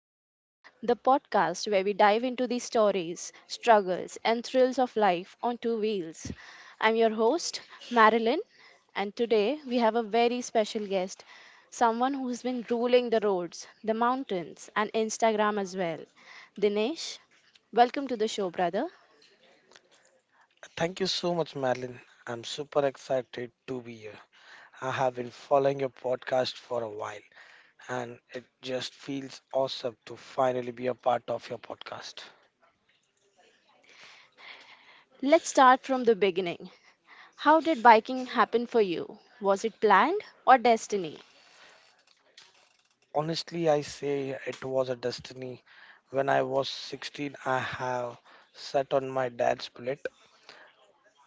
Diary, the podcast where we dive into the stories, struggles, and thrills of life on two wheels. I'm your host, Marilyn, and today we have a very special guest, someone who's been ruling the roads, the mountains, and Instagram as well. Dinesh, welcome to the show, brother. Thank you so much, Madeline. I'm super excited to be here. I have been following your podcast for a while, and it just feels awesome to finally be a part of your podcast. Let's start from the beginning. How did biking happen for you? Was it planned or destiny? Honestly, I say it was a destiny. When I was 16, I have sat on my dad's bullet.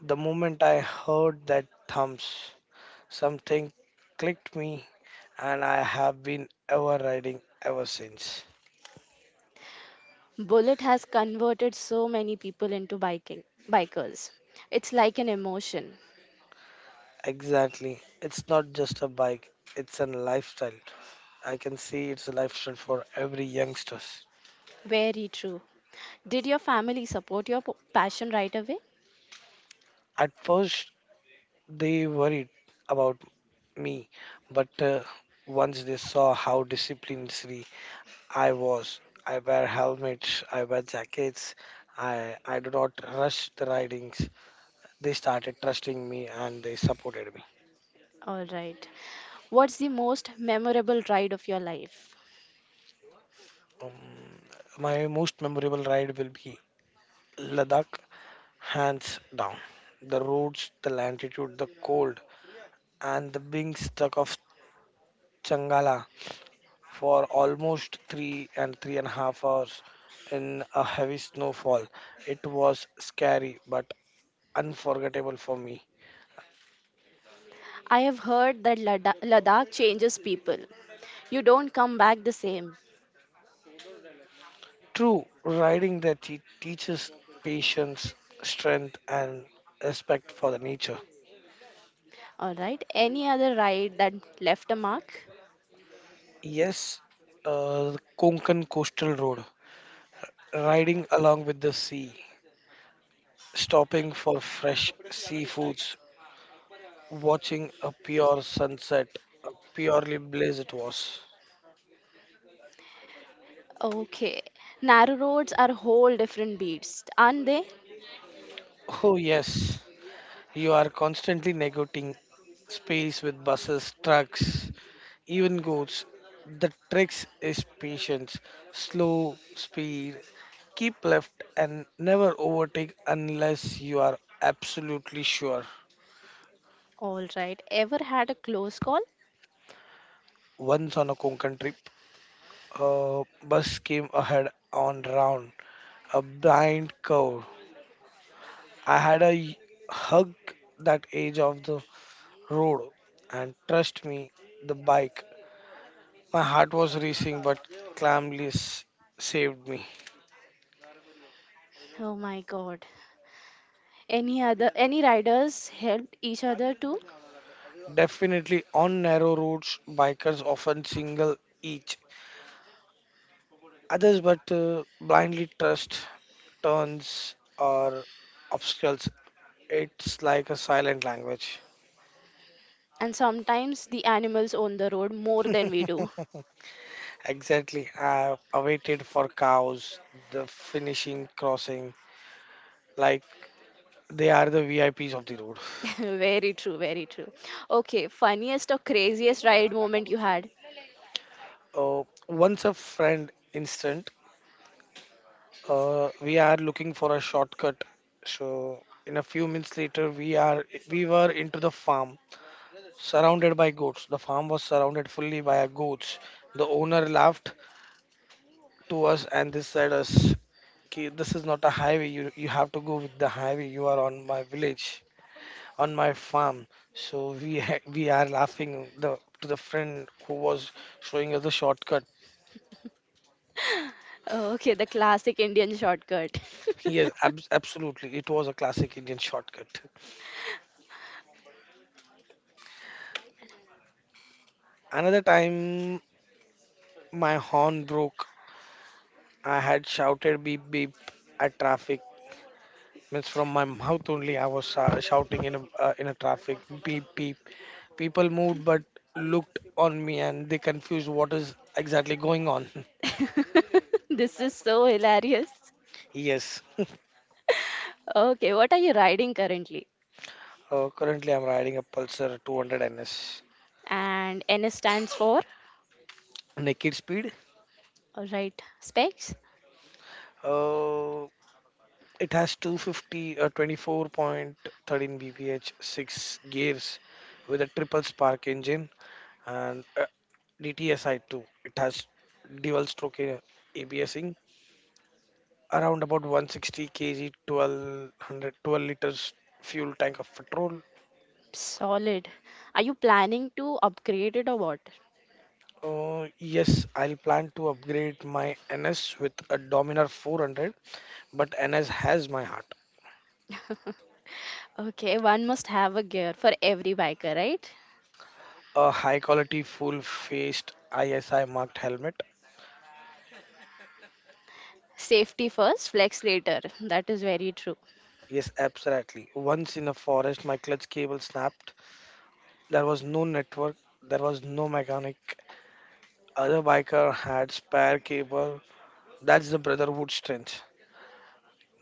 The moment I heard that thumps, something clicked me, and I have been ever riding ever since. Bullet has converted so many people into biking bikers. It's like an emotion. Exactly. It's not just a bike, it's a lifestyle. I can see it's a lifestyle for every youngsters. Very true. Did your family support your passion right away? At first, they worried about me, but once they saw how disciplinary I was, I wear helmets, I wear jackets, I do not rush the ridings, they started trusting me and they supported me. All right. What's the most memorable ride of your life? Um, my most memorable ride will be Ladakh. Hands down. The roads, the latitude, the cold, and the being stuck of Changala for almost three and a half hours in a heavy snowfall. It was scary but unforgettable for me. I have heard that Ladakh changes people. You don't come back the same. True, riding there teaches patience, strength, and respect for the nature. All right. Any other ride that left a mark? Yes, Konkan Coastal Road, riding along with the sea, stopping for fresh seafoods, watching a pure sunset, a purely blaze it was. Okay. Narrow roads are whole different beasts, aren't they? Oh, yes, you are constantly negotiating space with buses, trucks, even goats. The trick is patience, slow speed, keep left, and never overtake unless you are absolutely sure. All right. Ever had a close call? Once on a Konkan trip, a bus came ahead on round a blind curve. I had a hug that edge of the road, and trust me, the bike. My heart was racing, but calmly saved me. Oh my god. Any other any riders helped each other too, Definitely, on narrow roads, bikers often single each others, but blindly trust turns or obstacles. It's like a silent language. and sometimes the animals on the road more than we do. Exactly. I awaited for cows, the finishing crossing, like they are the VIPs of the road. Very true, very true. Okay, funniest or craziest ride moment you had? Uh, Once a friend instant, we are looking for a shortcut. So in a few minutes later, we were into the farm, surrounded by goats. The farm was surrounded fully by our goats. The owner laughed to us and they said us, "Ki, this is not a highway. You have to go with the highway. You are on my village, on my farm." So we we are laughing the to the friend who was showing us the shortcut. Okay, the classic Indian shortcut. Yes, absolutely. It was a classic Indian shortcut. Another time my horn broke. I had shouted beep beep at traffic. Means from my mouth only I was shouting in a traffic beep beep. People moved but looked on me and they confused what is exactly going on. This is so hilarious. Yes. Okay, what are you riding currently? Currently I'm riding a Pulsar 200 NS. And NS stands for? Naked speed. Alright, specs? Uh, it has 250, 24.13 bph, six gears with a triple spark engine, and DTSI too. It has dual stroke, ABSing, around about 160 kg, 1200, 12 112 liters fuel tank of petrol. Solid. Are you planning to upgrade it or what? Yes, I'll plan to upgrade my NS with a Dominar 400, but NS has my heart. Okay, one must have a gear for every biker, right? A high quality full faced ISI marked helmet. Safety first, flex later. That is very true. Yes, absolutely. Once in a forest, my clutch cable snapped. There was no network, there was no mechanic, other biker had spare cable. That's the brotherhood strength.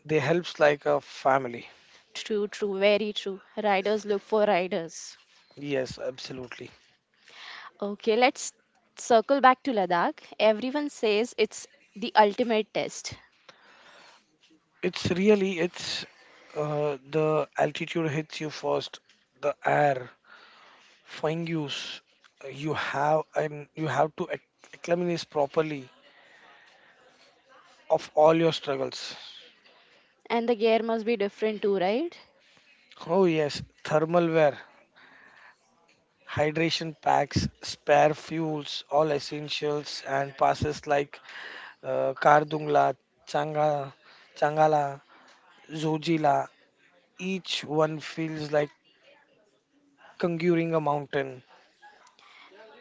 They helps like a family. True, true, very true. Riders look for riders. Yes, absolutely. Okay, let's circle back to Ladakh. Everyone says it's the ultimate test, It's really it's the altitude hits you first. The air, fungus. You have and you have to acclimatize properly of all your struggles. and the gear must be different too, right? Oh yes, thermal wear, hydration packs, spare fuels, all essentials and passes like Kardungla, Changa, Changala, Zojila. Each one feels like conquering a mountain.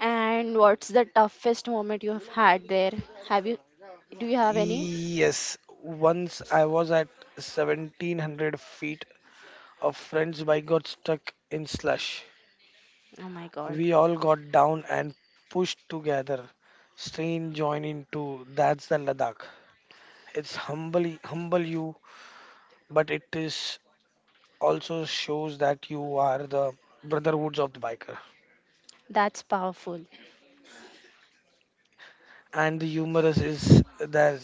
And what's the toughest moment you have had there? Have you do you have any? Yes, once I was at 1700 feet. A friend's bike got stuck in slush. Oh my god, We all got down and pushed together. Strain joined into that's the Ladakh. It's humble, humble you, but it is also shows that you are the brotherhoods of the biker. that's powerful. And the humorous is there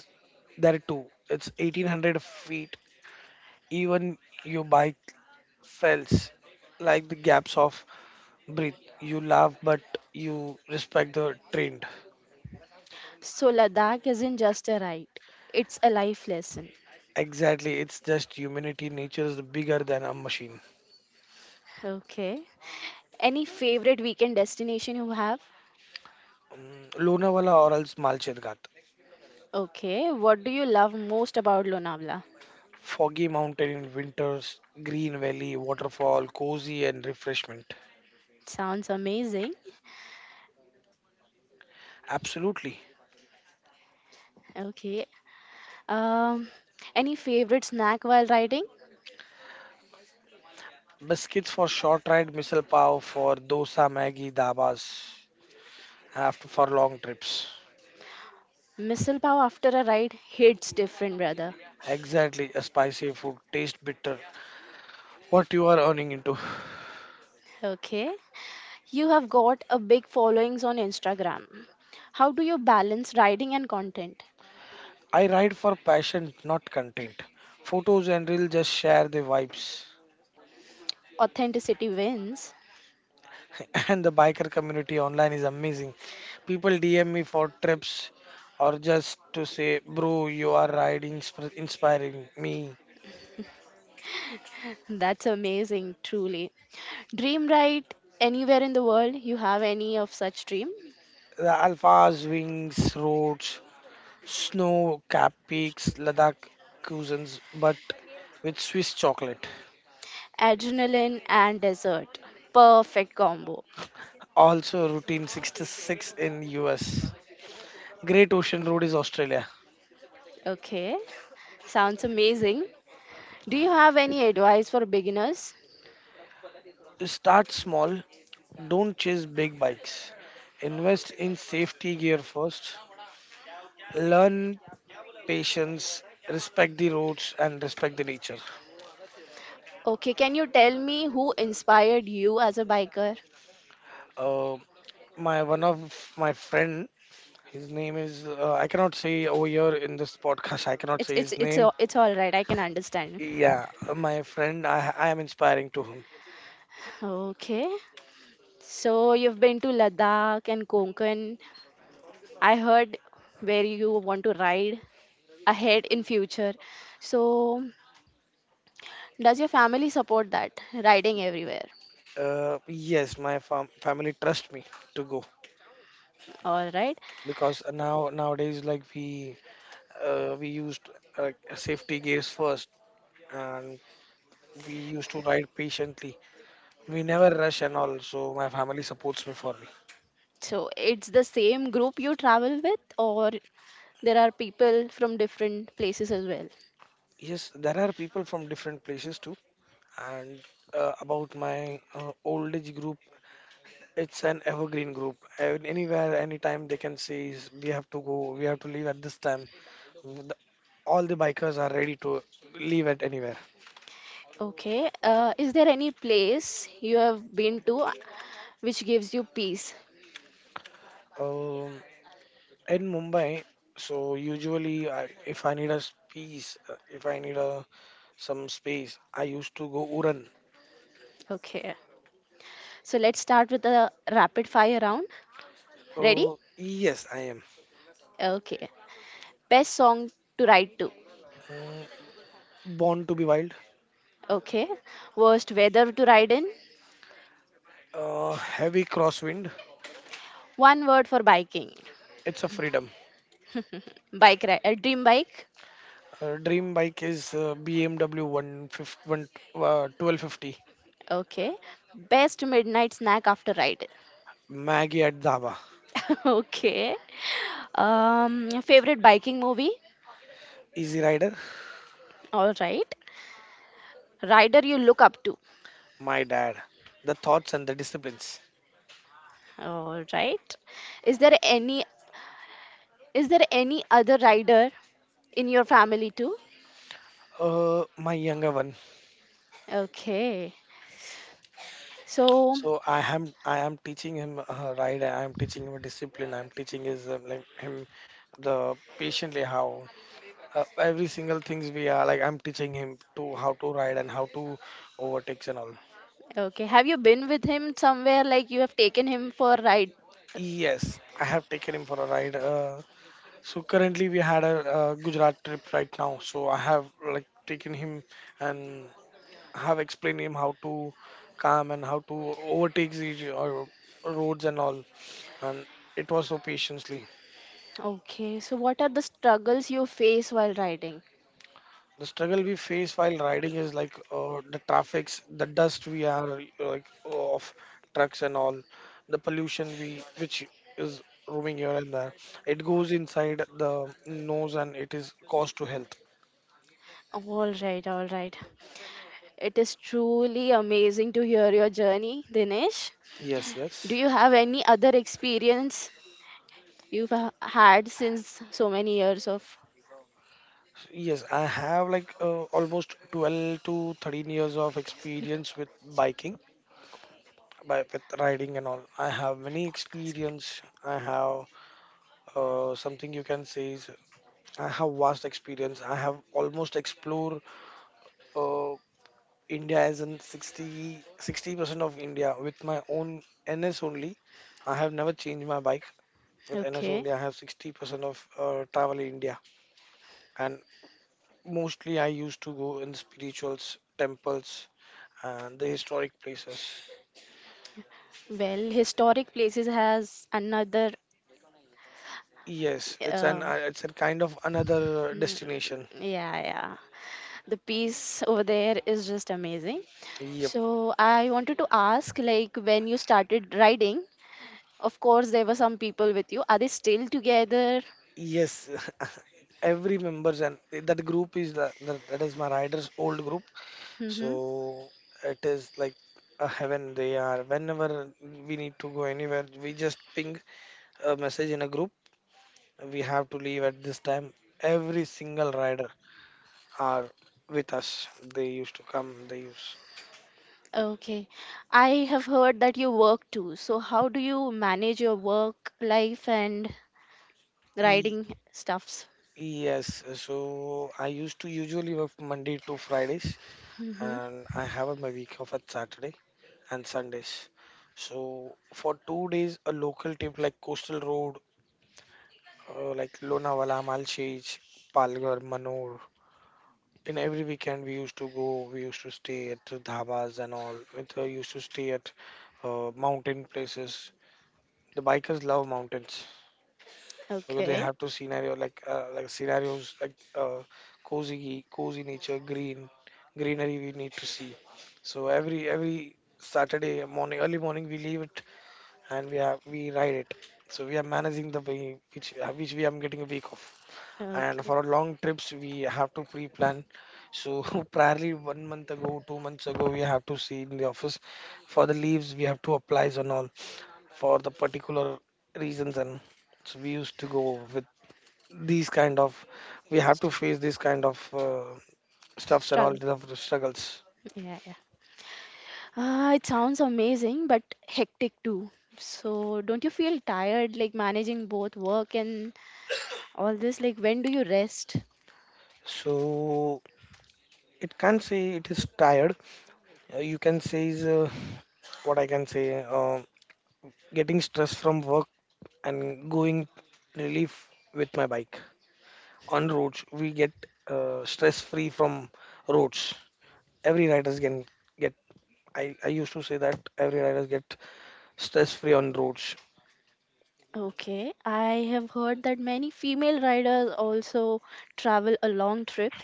too. It's 1800 feet. Even your bike fails, like the gaps of breath. You laugh, but you respect the trend. So Ladakh isn't just a ride, it's a life lesson. Exactly, it's just humanity. Nature is bigger than a machine. Okay. Any favorite weekend destination you have? Mm, Lonavala or else Malchetgat. Okay, what do you love most about Lonavala? Foggy mountain in winters, green valley, waterfall, cozy and refreshment. Sounds amazing. Absolutely. Okay. Um, any favorite snack while riding? Biscuits for short ride, missile pav for dosa, maggi, dabas after for long trips. Missile pav after a ride hits different, brother. Exactly, a spicy food taste bitter. What you are earning into. Okay. You have got a big followings on Instagram. How do you balance riding and content? I ride for passion, not content. Photos and reels just share the vibes. Authenticity wins. And the biker community online is amazing. People DM me for trips or just to say, bro, you are riding, inspiring me. That's amazing, truly. Dream ride anywhere in the world? You have any of such dream? The alphas, wings, roads, snow capped peaks, Ladakh cuisines, but with Swiss chocolate. Adrenaline and dessert. Perfect combo. Also routine 66 in US. Great Ocean Road is Australia. Okay. Sounds amazing. Do you have any advice for beginners? Start small, don't chase big bikes. Invest in safety gear first. Learn patience, respect the roads and respect the nature. Okay, can you tell me who inspired you as a biker? Uh, my one of my friend, his name is, I cannot say over here in this podcast. I cannot It's say it's his it's name. a- it's all right. I can understand. Yeah, my friend, I am inspiring to him. Okay. So you've been to Ladakh and Konkan. I heard where you want to ride ahead in future. So does your family support that riding everywhere? Yes, my family trust me to go All right. because now nowadays like we used, safety gears first, and we used to ride patiently, we never rush and all, so my family supports me for me. So it's the same group you travel with, or there are people from different places as well? Yes, there are people from different places too, and about my old age group, it's an evergreen group. And anywhere anytime they can say is, we have to go, we have to leave at this time. The- all the bikers are ready to leave at anywhere. Okay. Is there any place you have been to which gives you peace? um, in Mumbai, so usually I, if I need a space, if I need a some space, I used to go Uran. Okay. So let's start with a rapid fire round. Ready? Oh yes, I am. Okay. Best song to ride to. Mm, born to be wild. Okay. Worst weather to ride in. Heavy crosswind. One word for biking. It's a freedom. Bike ride. A dream bike. Dream bike is, BMW 151, 1250. Okay. Best midnight snack after ride. Maggie at Dhaba. Okay. Favorite biking movie? Easy Rider. All right. Rider you look up to? My dad. The thoughts and the disciplines. All right. Is there any other rider in your family too? My younger one. Okay. So, So I am teaching him, right. I am teaching him discipline. I'm teaching his, like him the patiently how, every single things we are like I'm teaching him to how to ride and how to overtakes and all. okay, have you been with him somewhere like you have taken him for a ride? Yes, I have taken him for a ride. So currently we had a, Gujarat trip right now. So I have like taken him and have explained him how to calm and how to overtake the, roads and all. And it was so patiently. Okay. So, what are the struggles you face while riding? The struggle we face while riding is like, the traffics, the dust we are like of trucks and all, the pollution we which is roaming here and there, it goes inside the nose and it is cost to health. All right, all right. It is truly amazing to hear your journey, Dinesh. Yes, Do yes. you have any other experience you've had since so many years of Yes, I have like, almost 12 to 13 years of experience with biking, by with riding and all. I have many experience, podcast. I have, something you can say is, I have vast experience. I have almost explored, uh, India as in 60 sixty percent of India with my own NS only. I have never changed my bike with NS Okay, only. I have 60% of, travel in India, and mostly I used to go in spirituals, temples, and the historic places. well historic places has another. Yes, it's an, um, it's a kind of another mm, destination. yeah, yeah, the peace over there is just amazing. Yep. So I wanted to ask, like, when you started riding, of course there were some people with you. Are they still together? Yes. Every members and that group is the, that that is my riders old group, so Mm-hmm. it is like a heaven. They are whenever we need to go anywhere, we just ping a message in a group, we have to leave at this time. Every single rider are with us, they use. Okay, I have heard that you work too, so how do you manage your work life and Ye- riding stuffs? yes, so I used to usually work Monday to Fridays, and I have my week off at Saturday and Sundays. So for 2 days a local team like coastal road, like Lonavala, Malchich, Palghar, Manor. In every weekend we used to go, we used to stay at the dhabas and all. With, used to stay at, mountain places. The bikers love mountains because they Okay. have to scenario like, scenarios like, cozy nature, green greenery we need to see. So every Saturday morning, early morning we leave it, and we ride it. So we are managing the way which we am getting a week off. And Okay. for our long trips we have to pre-plan, so probably one month ago, 2 months ago, we have to see in the office for the leaves we have to apply and all, for the particular reasons. And so we used to go with, these kind of we have to face these kind of, stuffs and all Struggle. of the struggles. Yeah, yeah. It sounds amazing, but hectic too. So, don't you feel tired like managing both work and all this? Like, when do you rest? So it can't say it is tired. You can say is, what I can say uh, getting stress from work and going relief with my bike on roads. We get, stress free from roads. Every riders can get, I used to say that every riders get stress free on roads. Okay, I have heard that many female riders also travel a long trip.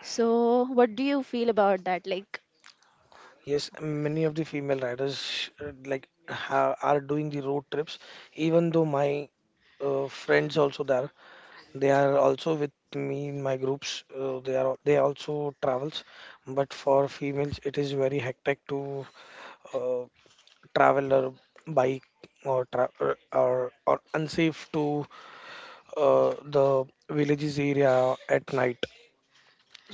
So, what do you feel about that? Like, Yes, many of the female riders, like are doing the road trips. Even though my, friends also there, they are also with me in my groups, they are they also travels. But for females it is very hectic to, uh, travel or bike, or tra- or unsafe to, the villages area at night.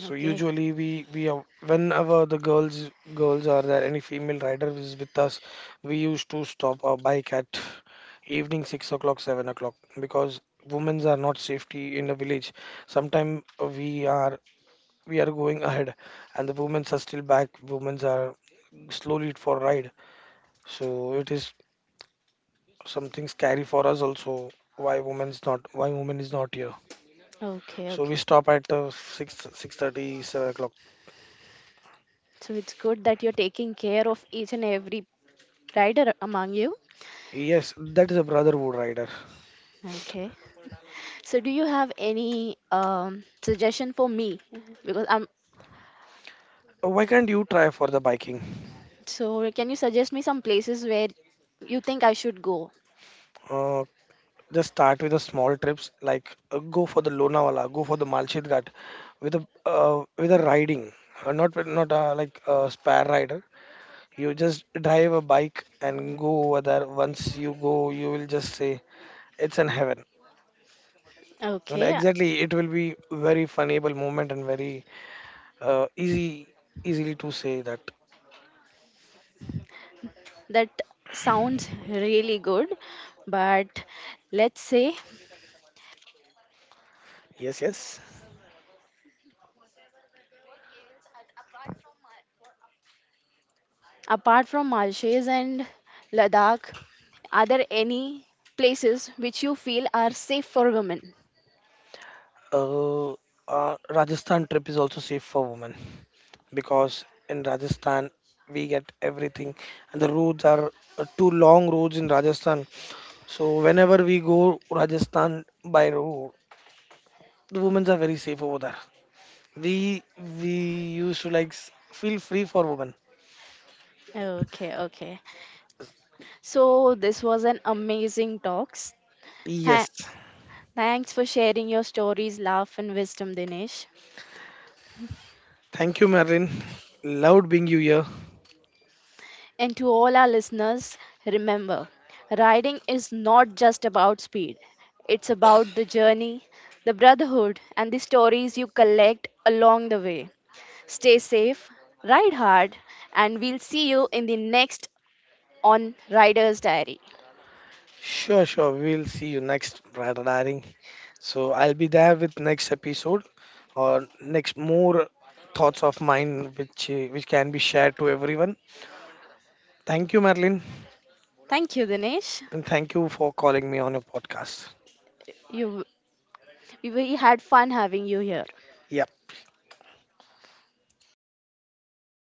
So okay, usually whenever the girls girls are there, any female rider is with us, we used to stop our bike at evening 6 o'clock, 7 o'clock because women's are not safety in the village. Sometimes we are going ahead and the women's are still back. Women's are slowly for ride. So it is something scary for us also. Why women's not? Why women is not here? okay, So we okay. stop at, 6 6:30, 7 o'clock. So, it's good that you're taking care of each and every rider among you. Yes, that is a brotherhood rider. Okay. So, do you have any suggestion for me? Because I'm Why can't you try for the biking? so. Can you suggest me some places where you think I should go? Uh, just start with the small trips, like, go for the Lonavala, go for the Malchit Ghat, with a, riding, not like a spare rider. You just drive a bike and go over there. Once you go, you will just say it's in heaven. And Okay, exactly, it will be very funable moment, and very, easy easily to say that. that sounds really good. But let's say, Yes, yes. apart from Malshes and Ladakh, are there any places which you feel are safe for women? Uh, Rajasthan trip is also safe for women because in Rajasthan we get everything, and the roads are, two long roads in Rajasthan. So whenever we go Rajasthan by road, the women are very safe over there. We we used to like feel free for women. Okay, okay. So this was an amazing talks. Tha- Yes, Thanks for sharing your stories, laugh, and wisdom, Dinesh. thank you, Marilyn. Loved being you here. And to all our listeners, remember, riding is not just about speed. It's about the journey, the brotherhood, and the stories you collect along the way. Stay safe, ride hard, and we'll see you in the next on Rider's Diary. Sure, sure. We'll see you next, brother darling. So I'll be there with next episode or next more thoughts of mine which, can be shared to everyone. Thank you, Madeline, Thank you, Dinesh. and thank you for calling me on your podcast. You, we had fun having you here. Yeah.